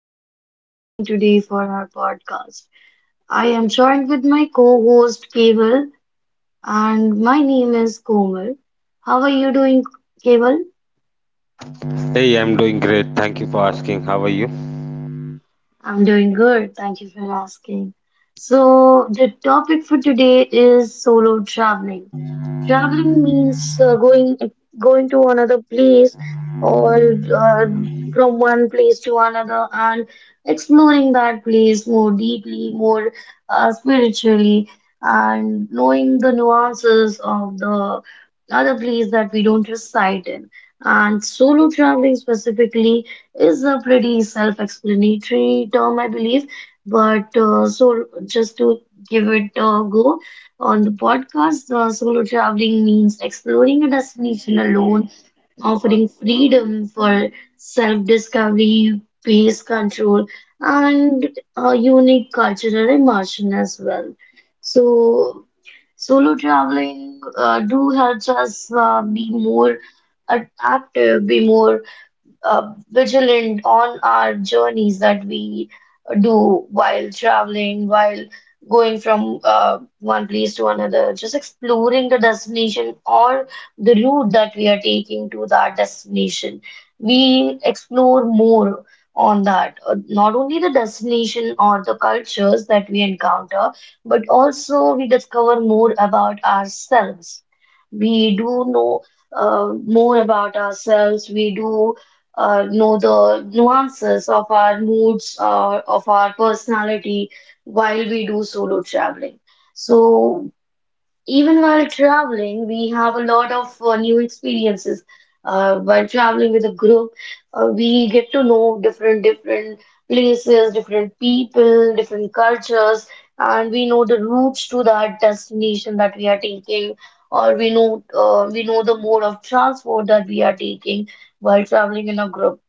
solo traveling today for our podcast. I am joined with my co-host Keval, and my name is Komal. How are you doing, Keval? Hey, I'm doing great. Thank you for asking. How are you? I'm doing good. Thank you for asking. So, the topic for today is solo traveling. Traveling means going to another place or from one place to another and exploring that place more deeply, more spiritually, and knowing the nuances of the other place that we don't reside in. And solo traveling specifically is a pretty self-explanatory term, I believe. But so just to give it a go on the podcast, solo traveling means exploring a destination alone, offering freedom for self-discovery, pace control, and a unique cultural immersion as well. So solo traveling do helps us be more adaptive, be more vigilant on our journeys that we do while traveling, while going from one place to another, just exploring the destination or the route that we are taking to that destination. We explore more on that, not only the destination or the cultures that we encounter, but also we discover more about ourselves. We do know more about ourselves. We do know the nuances of our moods, of our personality while we do solo traveling. So, even while traveling, we have a lot of new experiences. While traveling with a group, we get to know different places, different people, different cultures, and we know the routes to that destination that we are taking, or we know we know the mode of transport that we are taking while traveling in a group.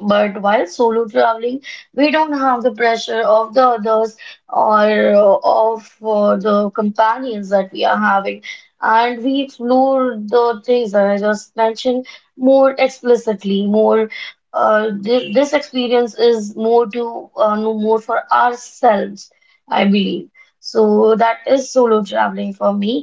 But while solo traveling, we don't have the pressure of the others or of the companions that we are having, and we explore the things that I just mentioned more explicitly. More, th this experience is more to know more for ourselves, I believe. So that is solo traveling for me,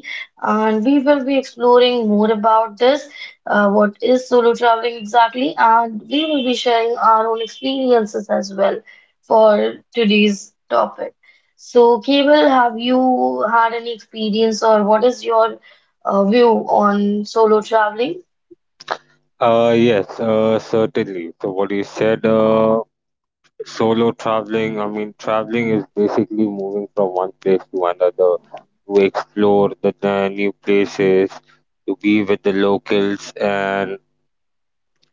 and we will be exploring more about this, what is solo traveling exactly, and we will be sharing our own experiences as well for today's topic. So, Cable, have you had any experience, or what is your view on solo traveling? Yes, certainly. So, what you said, solo traveling, I mean, traveling is basically moving from one place to another to explore the new places, to be with the locals, and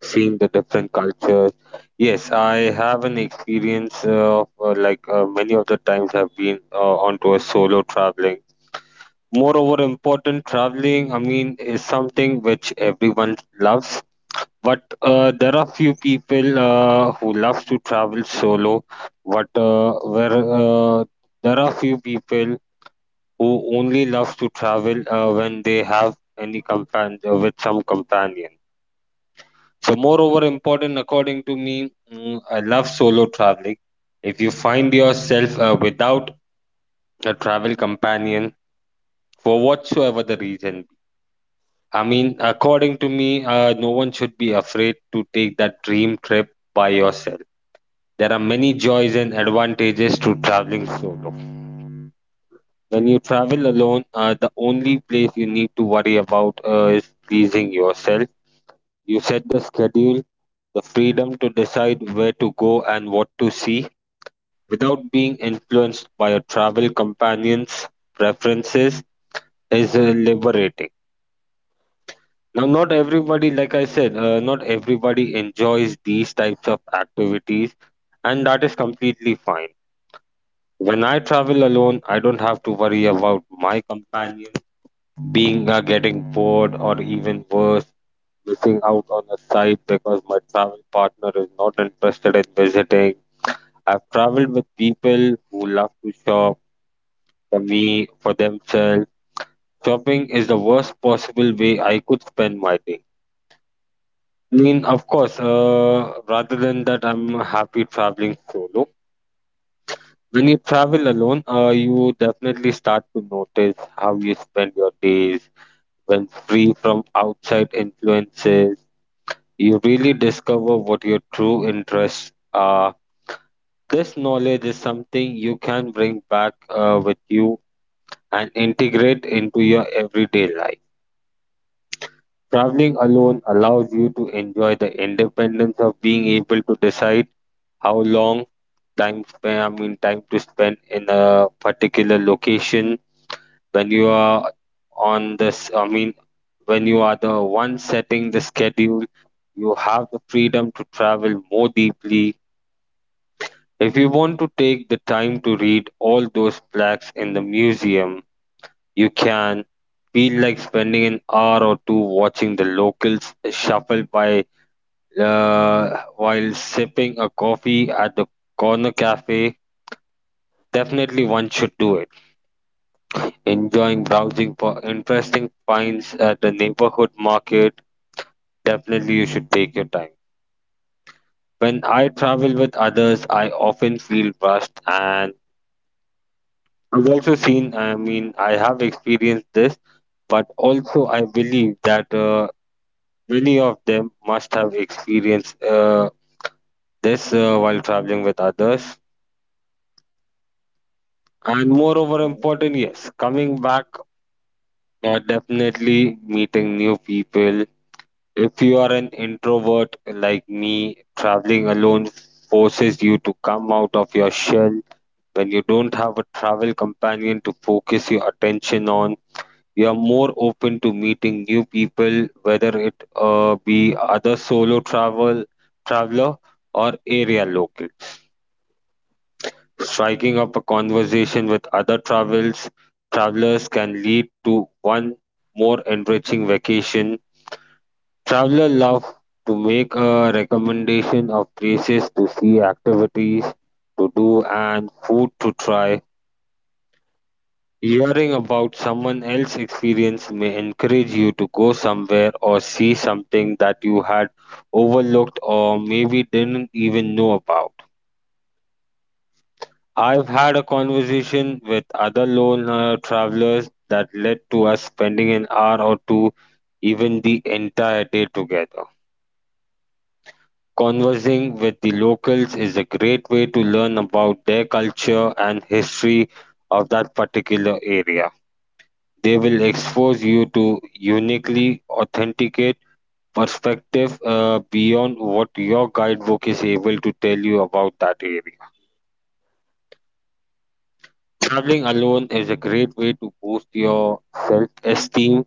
seeing the different cultures. Yes, I have an experience of like many of the times I've been onto a solo traveling. Moreover, important, traveling, I mean, is something which everyone loves. But there are few people who loves to travel solo. But where there are few people who only loves to travel when they have any companion with some companion. So, moreover, important, according to me, I love solo traveling. If you find yourself without a travel companion for whatsoever the reason, I mean, according to me, no one should be afraid to take that dream trip by yourself. There are many joys and advantages to traveling solo. When you travel alone, the only place you need to worry about is pleasing yourself. You set the schedule, the freedom to decide where to go and what to see without being influenced by your travel companions' preferences is liberating. Now, not everybody, like I said, not everybody enjoys these types of activities, and that is completely fine. When I travel alone, I don't have to worry about my companion being getting bored or even worse, missing out on a site because my travel partner is not interested in visiting. I've traveled with people who love to shop for me, for themselves. Shopping is the worst possible way I could spend my day. I mean, of course, rather than that, I'm happy traveling solo. When you travel alone, you definitely start to notice how you spend your days. When free from outside influences, you really discover what your true interests are. This knowledge is something you can bring back with you and integrate into your everyday life. Traveling alone allows you to enjoy the independence of being able to decide how long time span, I mean time to spend in a particular location. When you are on this, I mean when you are the one setting the schedule, you have the freedom to travel more deeply. If you want to take the time to read all those plaques in the museum, you can. Feel like spending an hour or two watching the locals shuffle by, while sipping a coffee at the corner cafe. Definitely one should do it. Enjoying browsing for interesting finds at the neighborhood market, definitely you should take your time. When I travel with others, I often feel rushed, and I've also seen, I mean, I have experienced this, but also I believe that many of them must have experienced this while traveling with others. And moreover, important, yes, coming back, definitely meeting new people. If you are an introvert like me, traveling alone forces you to come out of your shell. When you don't have a travel companion to focus your attention on, you are more open to meeting new people, whether it be other solo traveler or area locals. Striking up a conversation with other travels travelers can lead to one more enriching vacation. Travelers love to make a recommendation of places to see, activities to do, and food to try. Hearing about someone else's experience may encourage you to go somewhere or see something that you had overlooked or maybe didn't even know about. I've had a conversation with other lone travelers that led to us spending an hour or two, even the entire day together. Conversing with the locals is a great way to learn about their culture and history of that particular area. They will expose you to uniquely authenticate perspective beyond what your guidebook is able to tell you about that area. Traveling alone is a great way to boost your self-esteem.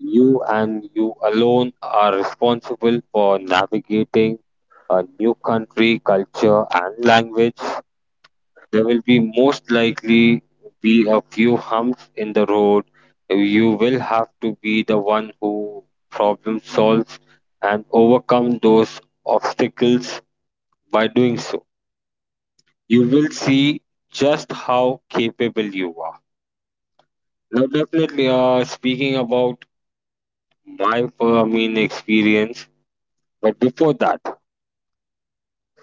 You and you alone are responsible for navigating a new country, culture, and language. There will be most likely be a few humps in the road. You will have to be the one who problem solves and overcome those obstacles by doing so. You will see just how capable you are. Now, definitely, speaking about my, mean, experience, but before that,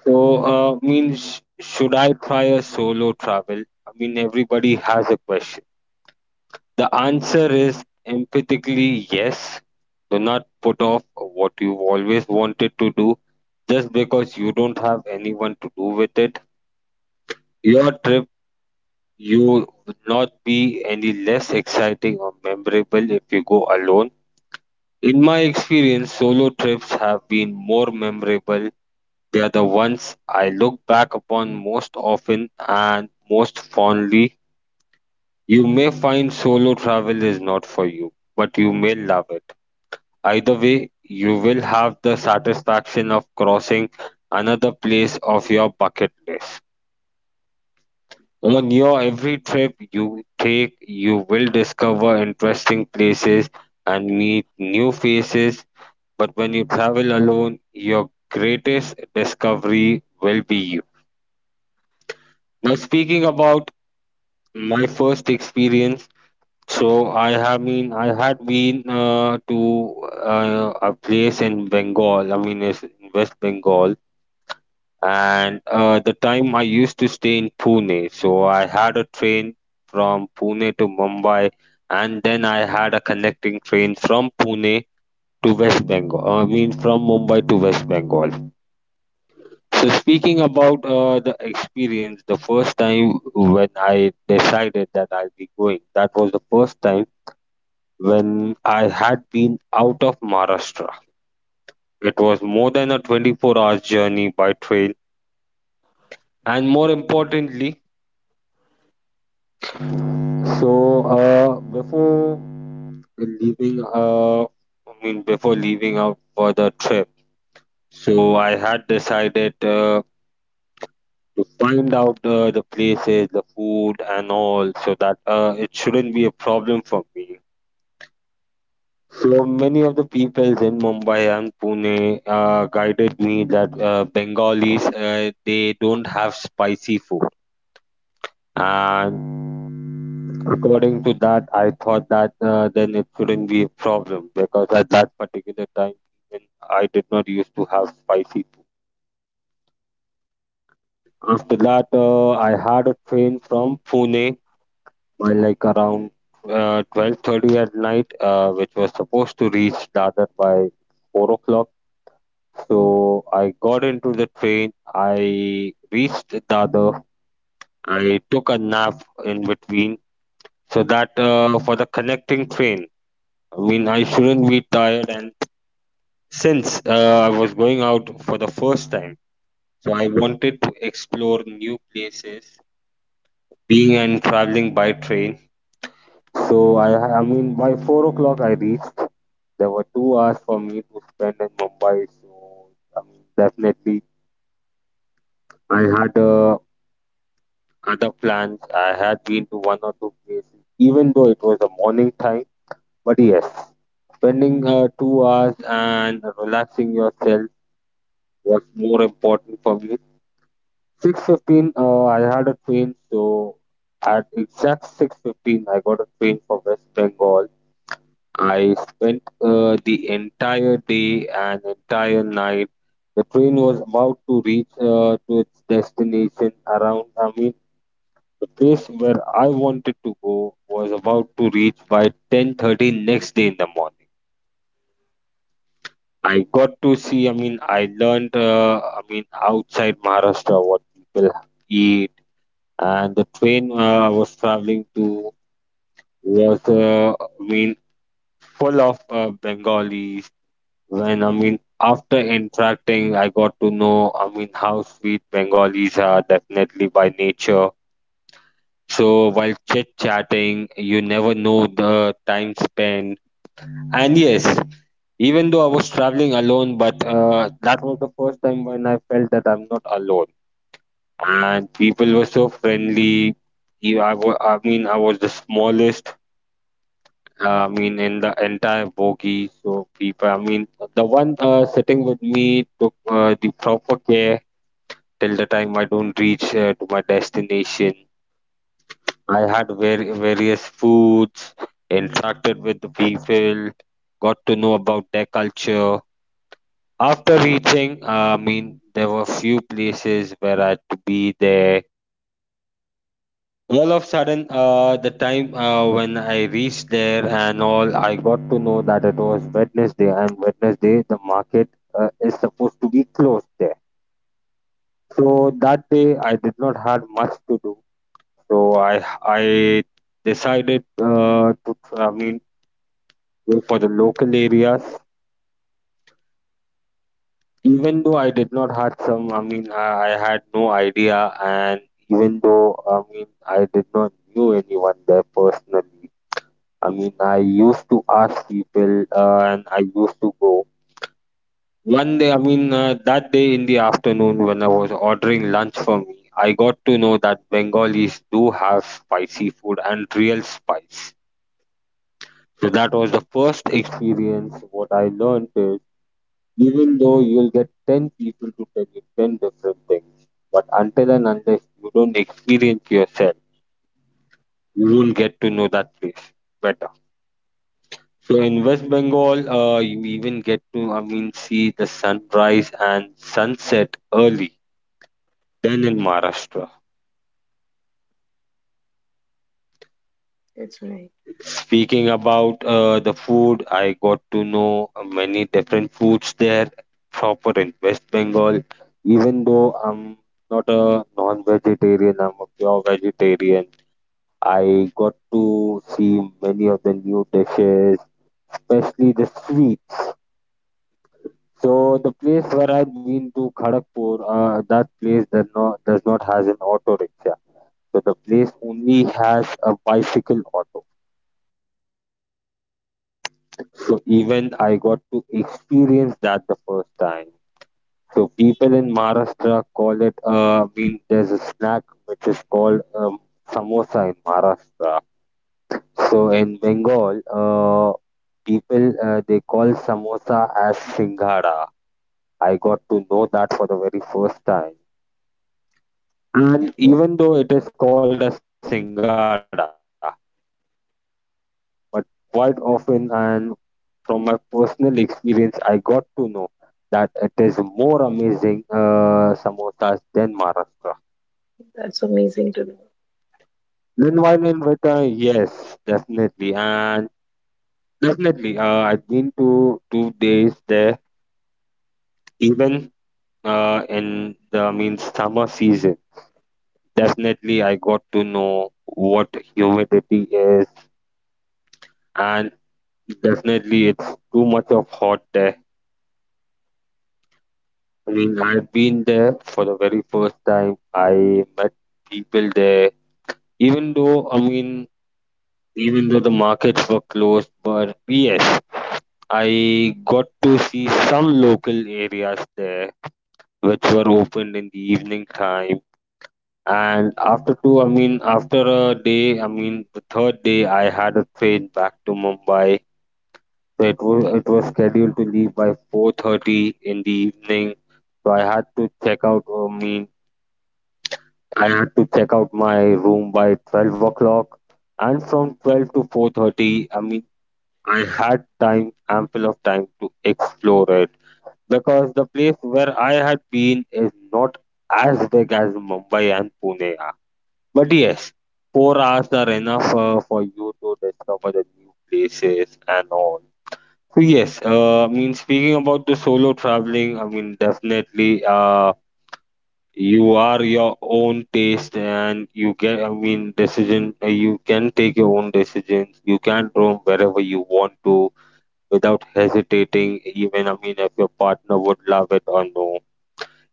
so, means should I try a solo travel? I mean, everybody has a question. The answer is emphatically yes. Do not put off what you've always wanted to do just because you don't have anyone to do with it. Your trip you would not be any less exciting or memorable if you go alone. In my experience, solo trips have been more memorable. They are the ones I look back upon most often and most fondly. You may find solo travel is not for you, but you may love it. Either way, you will have the satisfaction of crossing another place of your bucket list. On your every trip you take, you will discover interesting places and meet new faces. But when you travel alone, your greatest discovery will be you. Now, speaking about my first experience, so I had been to a place in Bengal. I mean, it's in West Bengal, and the time I used to stay in Pune. So I had a train from Pune to Mumbai, and then I had a connecting train from Pune to West Bengal. I mean, from Mumbai to West Bengal. So speaking about the experience, the first time when I decided that I'll be going, that was the first time when I had been out of Maharashtra. It was more than a 24 hours journey by train, and more importantly, so, before leaving, I mean, before leaving out for the trip, so I had decided to find out the places, the food, and all, so that it shouldn't be a problem for me. So many of the peoples in Mumbai and Pune guided me that Bengalis they don't have spicy food, and according to that, I thought that then it shouldn't be a problem because at that particular time, even I did not used to have spicy food. After that, I had a train from Pune by like around 12:30 at night, which was supposed to reach Dadar by 4 o'clock. So I got into the train. I reached Dadar. I took a nap in between so that for the connecting train. I mean, I shouldn't be tired. And since I was going out for the first time, so I wanted to explore new places, being and traveling by train. So I mean, by 4 o'clock I reached. There were 2 hours for me to spend in Mumbai. So I mean, definitely I had other plans. I had been to one or two places, even though it was a morning time. But yes, spending 2 hours and relaxing yourself was more important for me. 6:15, I had a train, so at exact 6:15, I got a train for West Bengal. I spent the entire day and entire night. The train was about to reach to its destination around, I mean, the place where I wanted to go was about to reach by 10:30 next day in the morning. I got to see, I mean, I learned, I mean, outside Maharashtra what people eat, and the train I was traveling to was I mean full of Bengalis. When I mean after interacting, I got to know, I mean, how sweet Bengalis are definitely by nature. So while chit chatting, you never know the time spent. And yes, even though I was traveling alone, but that was the first time when I felt that I'm not alone. And people were so friendly. I mean, I was the smallest, I mean, in the entire bogie, so people, I mean, the one sitting with me took the proper care till the time I don't reach to my destination. I had various foods, interacted with the people, got to know about their culture. After reaching, there were few places where I had to be there all of sudden. The time when I reached there and all, I got to know that it was Wednesday, and Wednesday the market is supposed to be closed there. So that day I did not had much to do, so I decided to go for the local areas. Even though I did not had some, I had no idea, and even though I mean I did not knew anyone there personally, I used to ask people, and I used to go. One day, that day in the afternoon when I was ordering lunch for me, I got to know that Bengalis do have spicy food and real spice. So that was the first experience. What I learned is, even though you'll get 10 people to tell you 10 different things, but until and unless you don't experience yourself, you won't get to know that place better. So in West Bengal, you even get to, see the sunrise and sunset early than in Maharashtra. That's right. Speaking about the food, I got to know many different foods there, proper in West Bengal. Even though I'm not a non-vegetarian, I'm a pure vegetarian. I got to see many of the new dishes, especially the sweets. So the place where I've been to Kharagpur, that place does not has an auto rickshaw. So the place only has a bicycle auto. So even I got to experience that the first time. So people in Maharashtra call it. There's a snack which is called samosa in Maharashtra. So in Bengal, people they call samosa as singhara. I got to know that for the very first time. And even though it is called as Singada, but quite often, and from my personal experience, I got to know that it is more amazing samosas than Maharashtra. That's Then amazing to while in know. Vita, yes, definitely, and definitely, I've been to two days there, even in the summer season. Definitely, I got to know what humidity is, and definitely, it's too much of hot there. I mean, I've been there for the very first time. I met people there, even though, I mean, even though the markets were closed, but yes, I got to see some local areas there which were opened in the evening time. And after two, after a day, the third day, I had a train back to Mumbai. So it was scheduled to leave by 4:30 in the evening, so I had to check out. I had to check out my room by 12 o'clock, and from 12 to 4:30, I had time, ample of time to explore it, because the place where I had been is not as big as Mumbai and Pune are. But yes, 4 hours are enough for you to discover the new places and all. Yes, speaking about the solo traveling, definitely, you are your own taste and you get, decision, you can take your own decisions. You can roam wherever you want to without hesitating, even, if your partner would love it or no.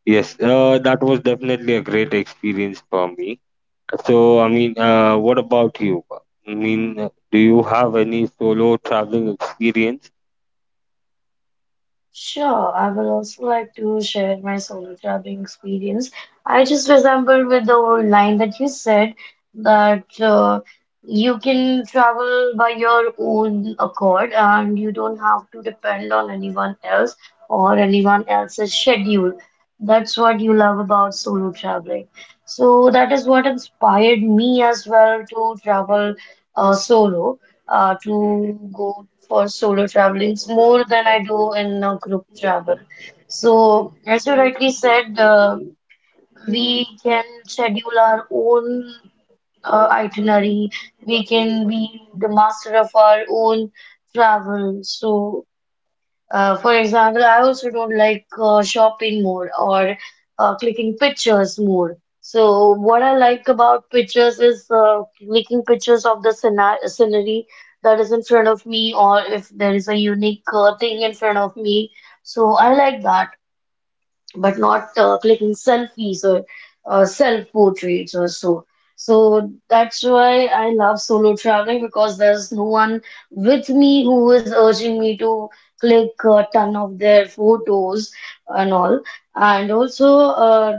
Yes, that was definitely a great experience for me. So, what about you? Do you have any solo traveling experience? Sure, I will also like to share my solo traveling experience. I just resembled with the old line that you said that you can travel by your own accord and you don't have to depend on anyone else or anyone else's schedule. That's what you love about solo traveling. So that is what inspired me as well to travel solo, to go for solo travelings more than I do in a group travel. So, as you rightly said, we can schedule our own itinerary. We can be the master of our own travel. So, for example, I also don't like shopping more or clicking pictures more. So what I like about pictures is clicking pictures of the scenery that is in front of me or if there is a unique thing in front of me. So I like that, but not clicking selfies or self portraits or so. So that's why I love solo traveling because there's no one with me who is urging me to click a ton of their photos and all. And also,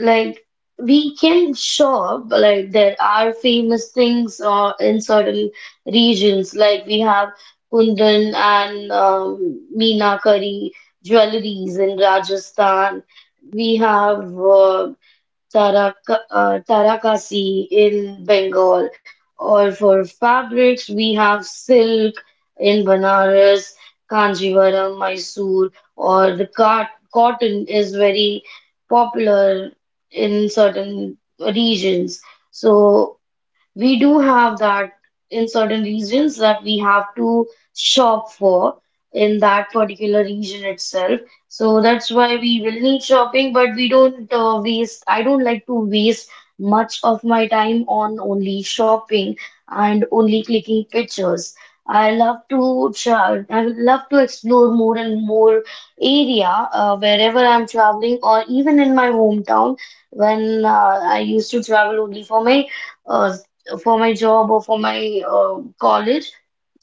like we can shop. Like there are famous things in certain regions. Like we have Kundan and Meenakari jewelries in Rajasthan, we have Tarakasi in Bengal, or for fabrics, we have silk in Banaras, Kanjivaram, Mysore, or the cotton is very popular in certain regions. So we do have that in certain regions that we have to shop for in that particular region itself. So that's why we will need shopping, but we don't waste, I don't like to waste much of my time on only shopping and only clicking pictures. I love to travel, I would love to explore more and more area wherever I'm traveling or even in my hometown, when I used to travel only uh, for my job or for my college.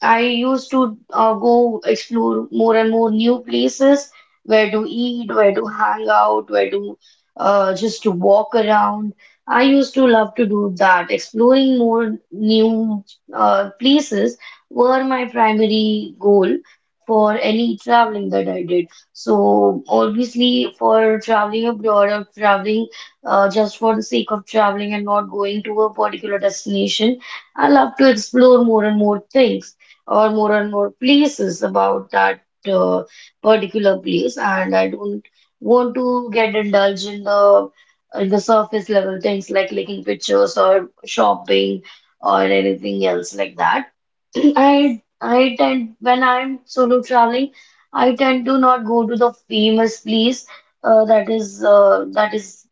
I used to go explore more and more new places, where to eat, where to hang out, where to just to walk around. I used to love to do that. Exploring more new places were my primary goal for any traveling that I did. So obviously, for traveling abroad or traveling just for the sake of traveling and not going to a particular destination, I love to explore more and more things or more and more places about that uh, particular place, and I don't want to get indulged in the surface level things like clicking pictures or shopping or anything else like that. I tend, when I'm solo traveling, I tend to not go to the famous place uh, that is uh, that is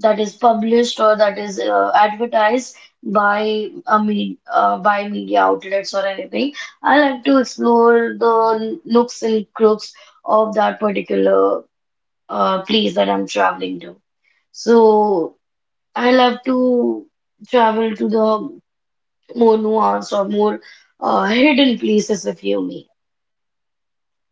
that is published or that is advertised by a me by media outlets or anything. I like to explore the nooks and crooks of that particular place that I'm traveling to. So I love to travel to the more nuanced or more hidden places, if you may,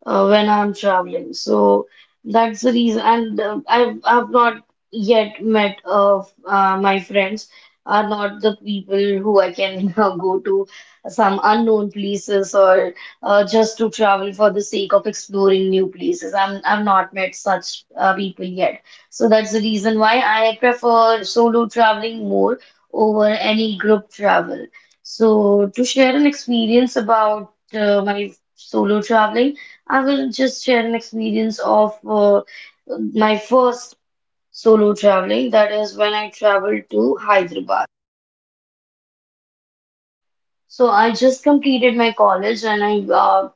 when I'm traveling. So that's the reason. And I've not yet met my friends are not the people who I can go to some unknown places or just to travel for the sake of exploring new places. I've not met such people yet. So that's the reason why I prefer solo traveling more over any group travel. So to share an experience about my solo traveling. I will just share an experience of my first solo traveling. That is when I traveled to Hyderabad. So I just completed my college, and uh,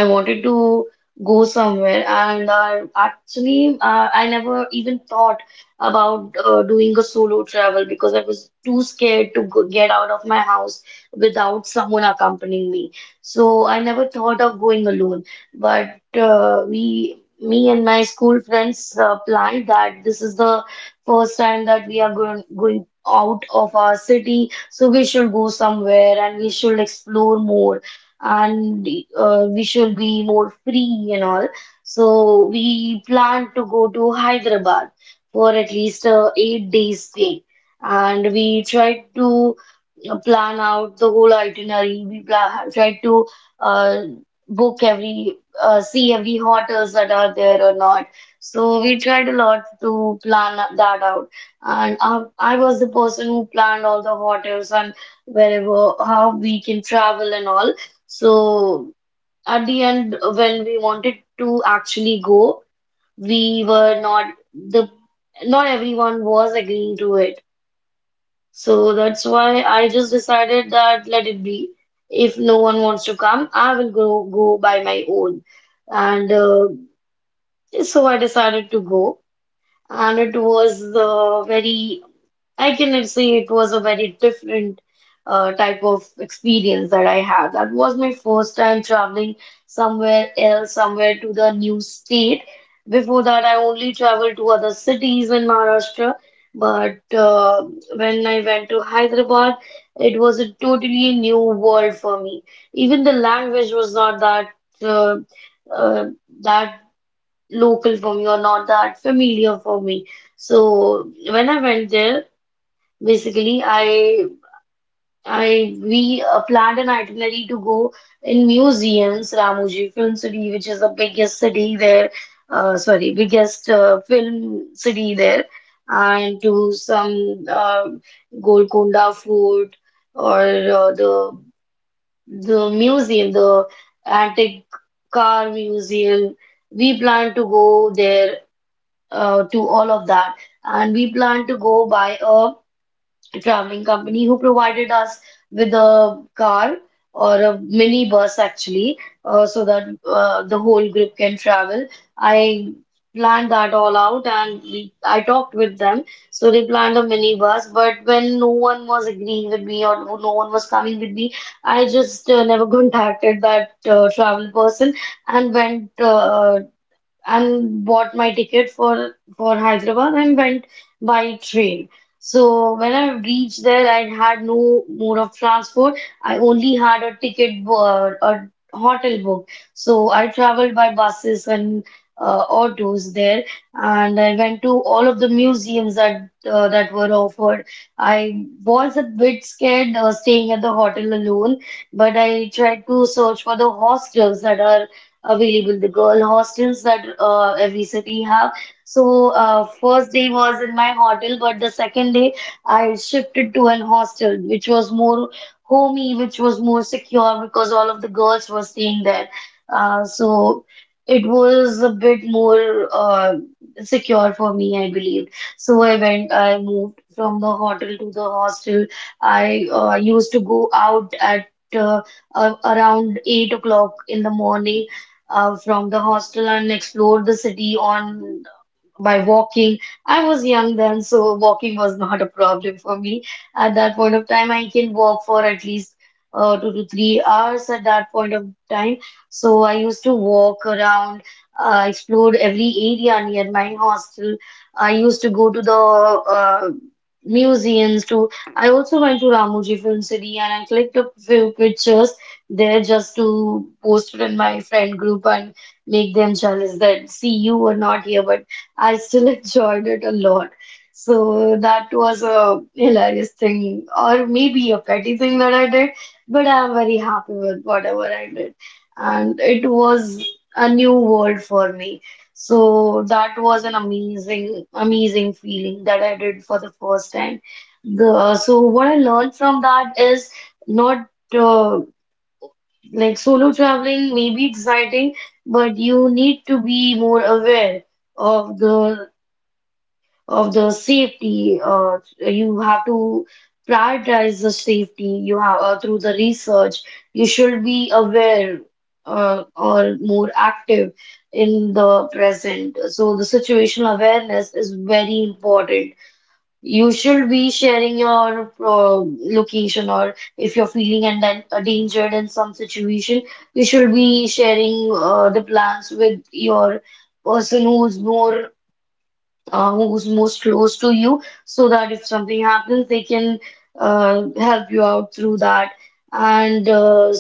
I wanted to go somewhere, and actually, I never even thought about doing a solo travel because I was too scared to go get out of my house without someone accompanying me. So I never thought of going alone. But we, me and my school friends, planned that this is the first time that we are going out of our city, so we should go somewhere and we should explore more, and we should be more free and all. So we plan to go to Hyderabad for at least a 8 days stay, and we tried to plan out the whole itinerary. We plan, tried to uh, book every see every hotels that are there or not. So we tried a lot to plan that out, and I was the person who planned all the hotels and wherever how we can travel and all. So at the end, when we wanted to actually go, we were not the not everyone was agreeing to it. So that's why I just decided that let it be. If no one wants to come, I will go by my own. And so I decided to go, and it was very, I can say it was a very different type of experience that I had. That was my first time traveling somewhere else, somewhere to the new state. Before that, I only traveled to other cities in Maharashtra. But when I went to Hyderabad, it was a totally new world for me. Even the language was not that uh, uh, that local for me or not that familiar for me. So when I went there, basically, I we planned an itinerary to go in museums, Ramoji Film City, which is the biggest city there, sorry, biggest film city there, and to some Golconda Fort or the the museum, the antique car museum. We plan to go there to all of that, and we plan to go by a traveling company who provided us with a car or a mini bus actually, so that the whole group can travel. I planned that all out, and we, I talked with them. So they planned a mini bus, but when no one was agreeing with me or no one was coming with me, I just never contacted that travel person and went and bought my ticket for Hyderabad and went by train. So when I reached there, I had no mode of transport. I only had a ticket, a hotel book. So I traveled by buses and autos there, and I went to all of the museums that that were offered. I was a bit scared staying at the hotel alone, but I tried to search for the hostels that are available, the girl hostels that every city have. So first day was in my hotel, but the second day I shifted to an hostel, which was more homey, which was more secure because all of the girls were staying there. So it was a bit more secure for me, I believe. So I moved from the hotel to the hostel. I used to go out at uh, around 8 o'clock in the morning from the hostel and explored the city on by walking. I was young then, so walking was not a problem for me. At that point of time, I can walk for at least 2 to 3 hours at that point of time. So I used to walk around, explored every area near my hostel. I used to go to the museums too. I also went to Ramoji Film City and I clicked a few pictures there just to post it in my friend group and make them jealous that see you were not here but I still enjoyed it a lot. So that was a hilarious thing, or maybe a petty thing that I did, but I'm very happy with whatever I did. And it was a new world for me. So that was an amazing, amazing feeling that I did for the first time. So what I learned from that is not uh, like solo traveling may be exciting, but you need to be more aware of the of the safety. You have to prioritize the safety. You have through the research. You should be aware or more active in the present. So the situational awareness is very important. You should be sharing your location, or if you're feeling and endangered in some situation, you should be sharing the plans with your person who's more who's most close to you so that if something happens, they can help you out through that. And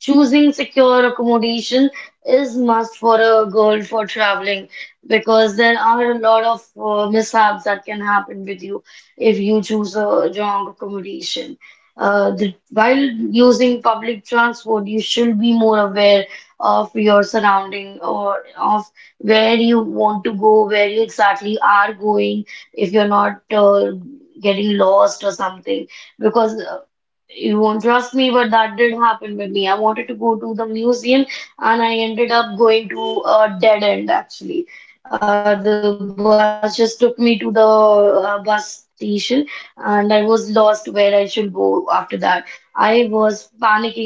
Choosing secure accommodation is must for a girl for traveling because there are a lot of mishaps that can happen with you if you choose a wrong accommodation. While using public transport, you should be more aware of your surrounding or of where you want to go, where you exactly are going, if you're not getting lost or something. Because You won't trust me, but that did happen with me. I wanted to go to the museum and I ended up going to a dead end actually. The bus just took me to the bus station and I was lost where I should go after that. I was panicking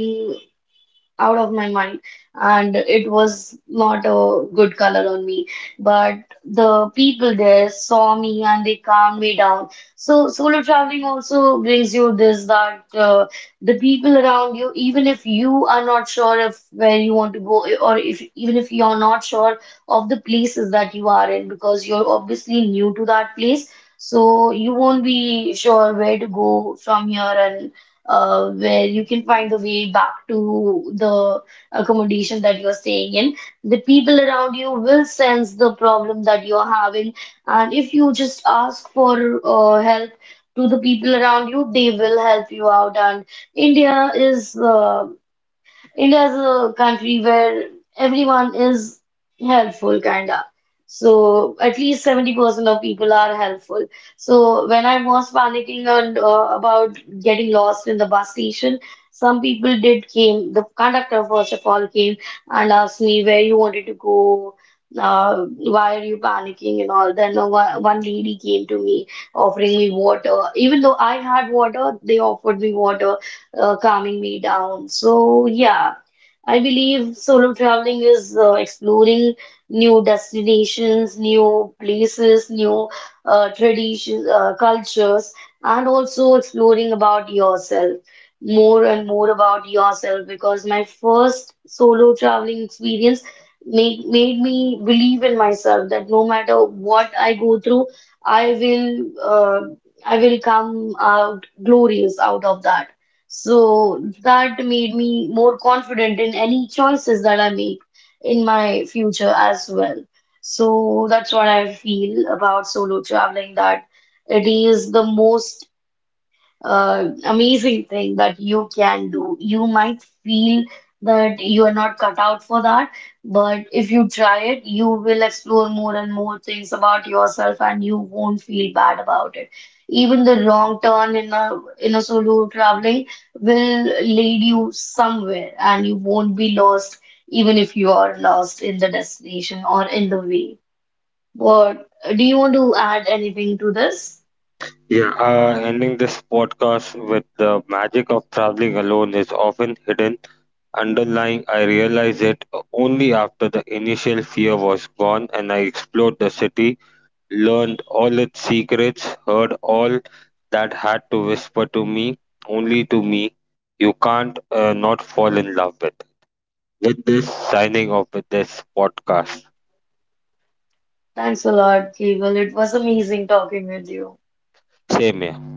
out of my mind and it was not a good color on me, but the people there saw me and they calmed me down. So solo traveling also brings you this, that the people around you, even if you are not sure of where you want to go, or if even if you're not sure of the places that you are in, because you're obviously new to that place, so you won't be sure where to go from here, and where you can find a way back to the accommodation that you're staying in. The people around you will sense the problem that you're having, and if you just ask for help to the people around you, they will help you out. And India is uh, India is a country where everyone is helpful, kinda. So at least 70% of people are helpful. So when I was panicking on about getting lost in the bus station, some people did came. The conductor first of all came and asked me where you wanted to go. Why are you panicking and all? Then one lady came to me offering me water. Even though I had water, they offered me water, calming me down. So, yeah, I believe solo traveling is exploring new destinations, new places, new traditions, cultures, and also exploring about yourself, more and more about yourself. Because my first solo traveling experience made me believe in myself that no matter what I go through, I will uh, I will come out glorious out of that. So that made me more confident in any choices that I make in my future as well. So that's what I feel about solo traveling, that it is the most amazing thing that you can do. You might feel that you are not cut out for that, but if you try it, you will explore more and more things about yourself and you won't feel bad about it. Even the wrong turn in a solo traveling will lead you somewhere and you won't be lost even if you are lost in the destination or in the way. But do you want to add anything to this? Yeah, ending this podcast with the magic of traveling alone is often hidden. Underlying, I realized it only after the initial fear was gone and I explored the city, learned all its secrets, heard all that had to whisper to me, only to me. You can't not fall in love with. With this, signing off with this podcast. Thanks a lot, Keval. It was amazing talking with you. Same here.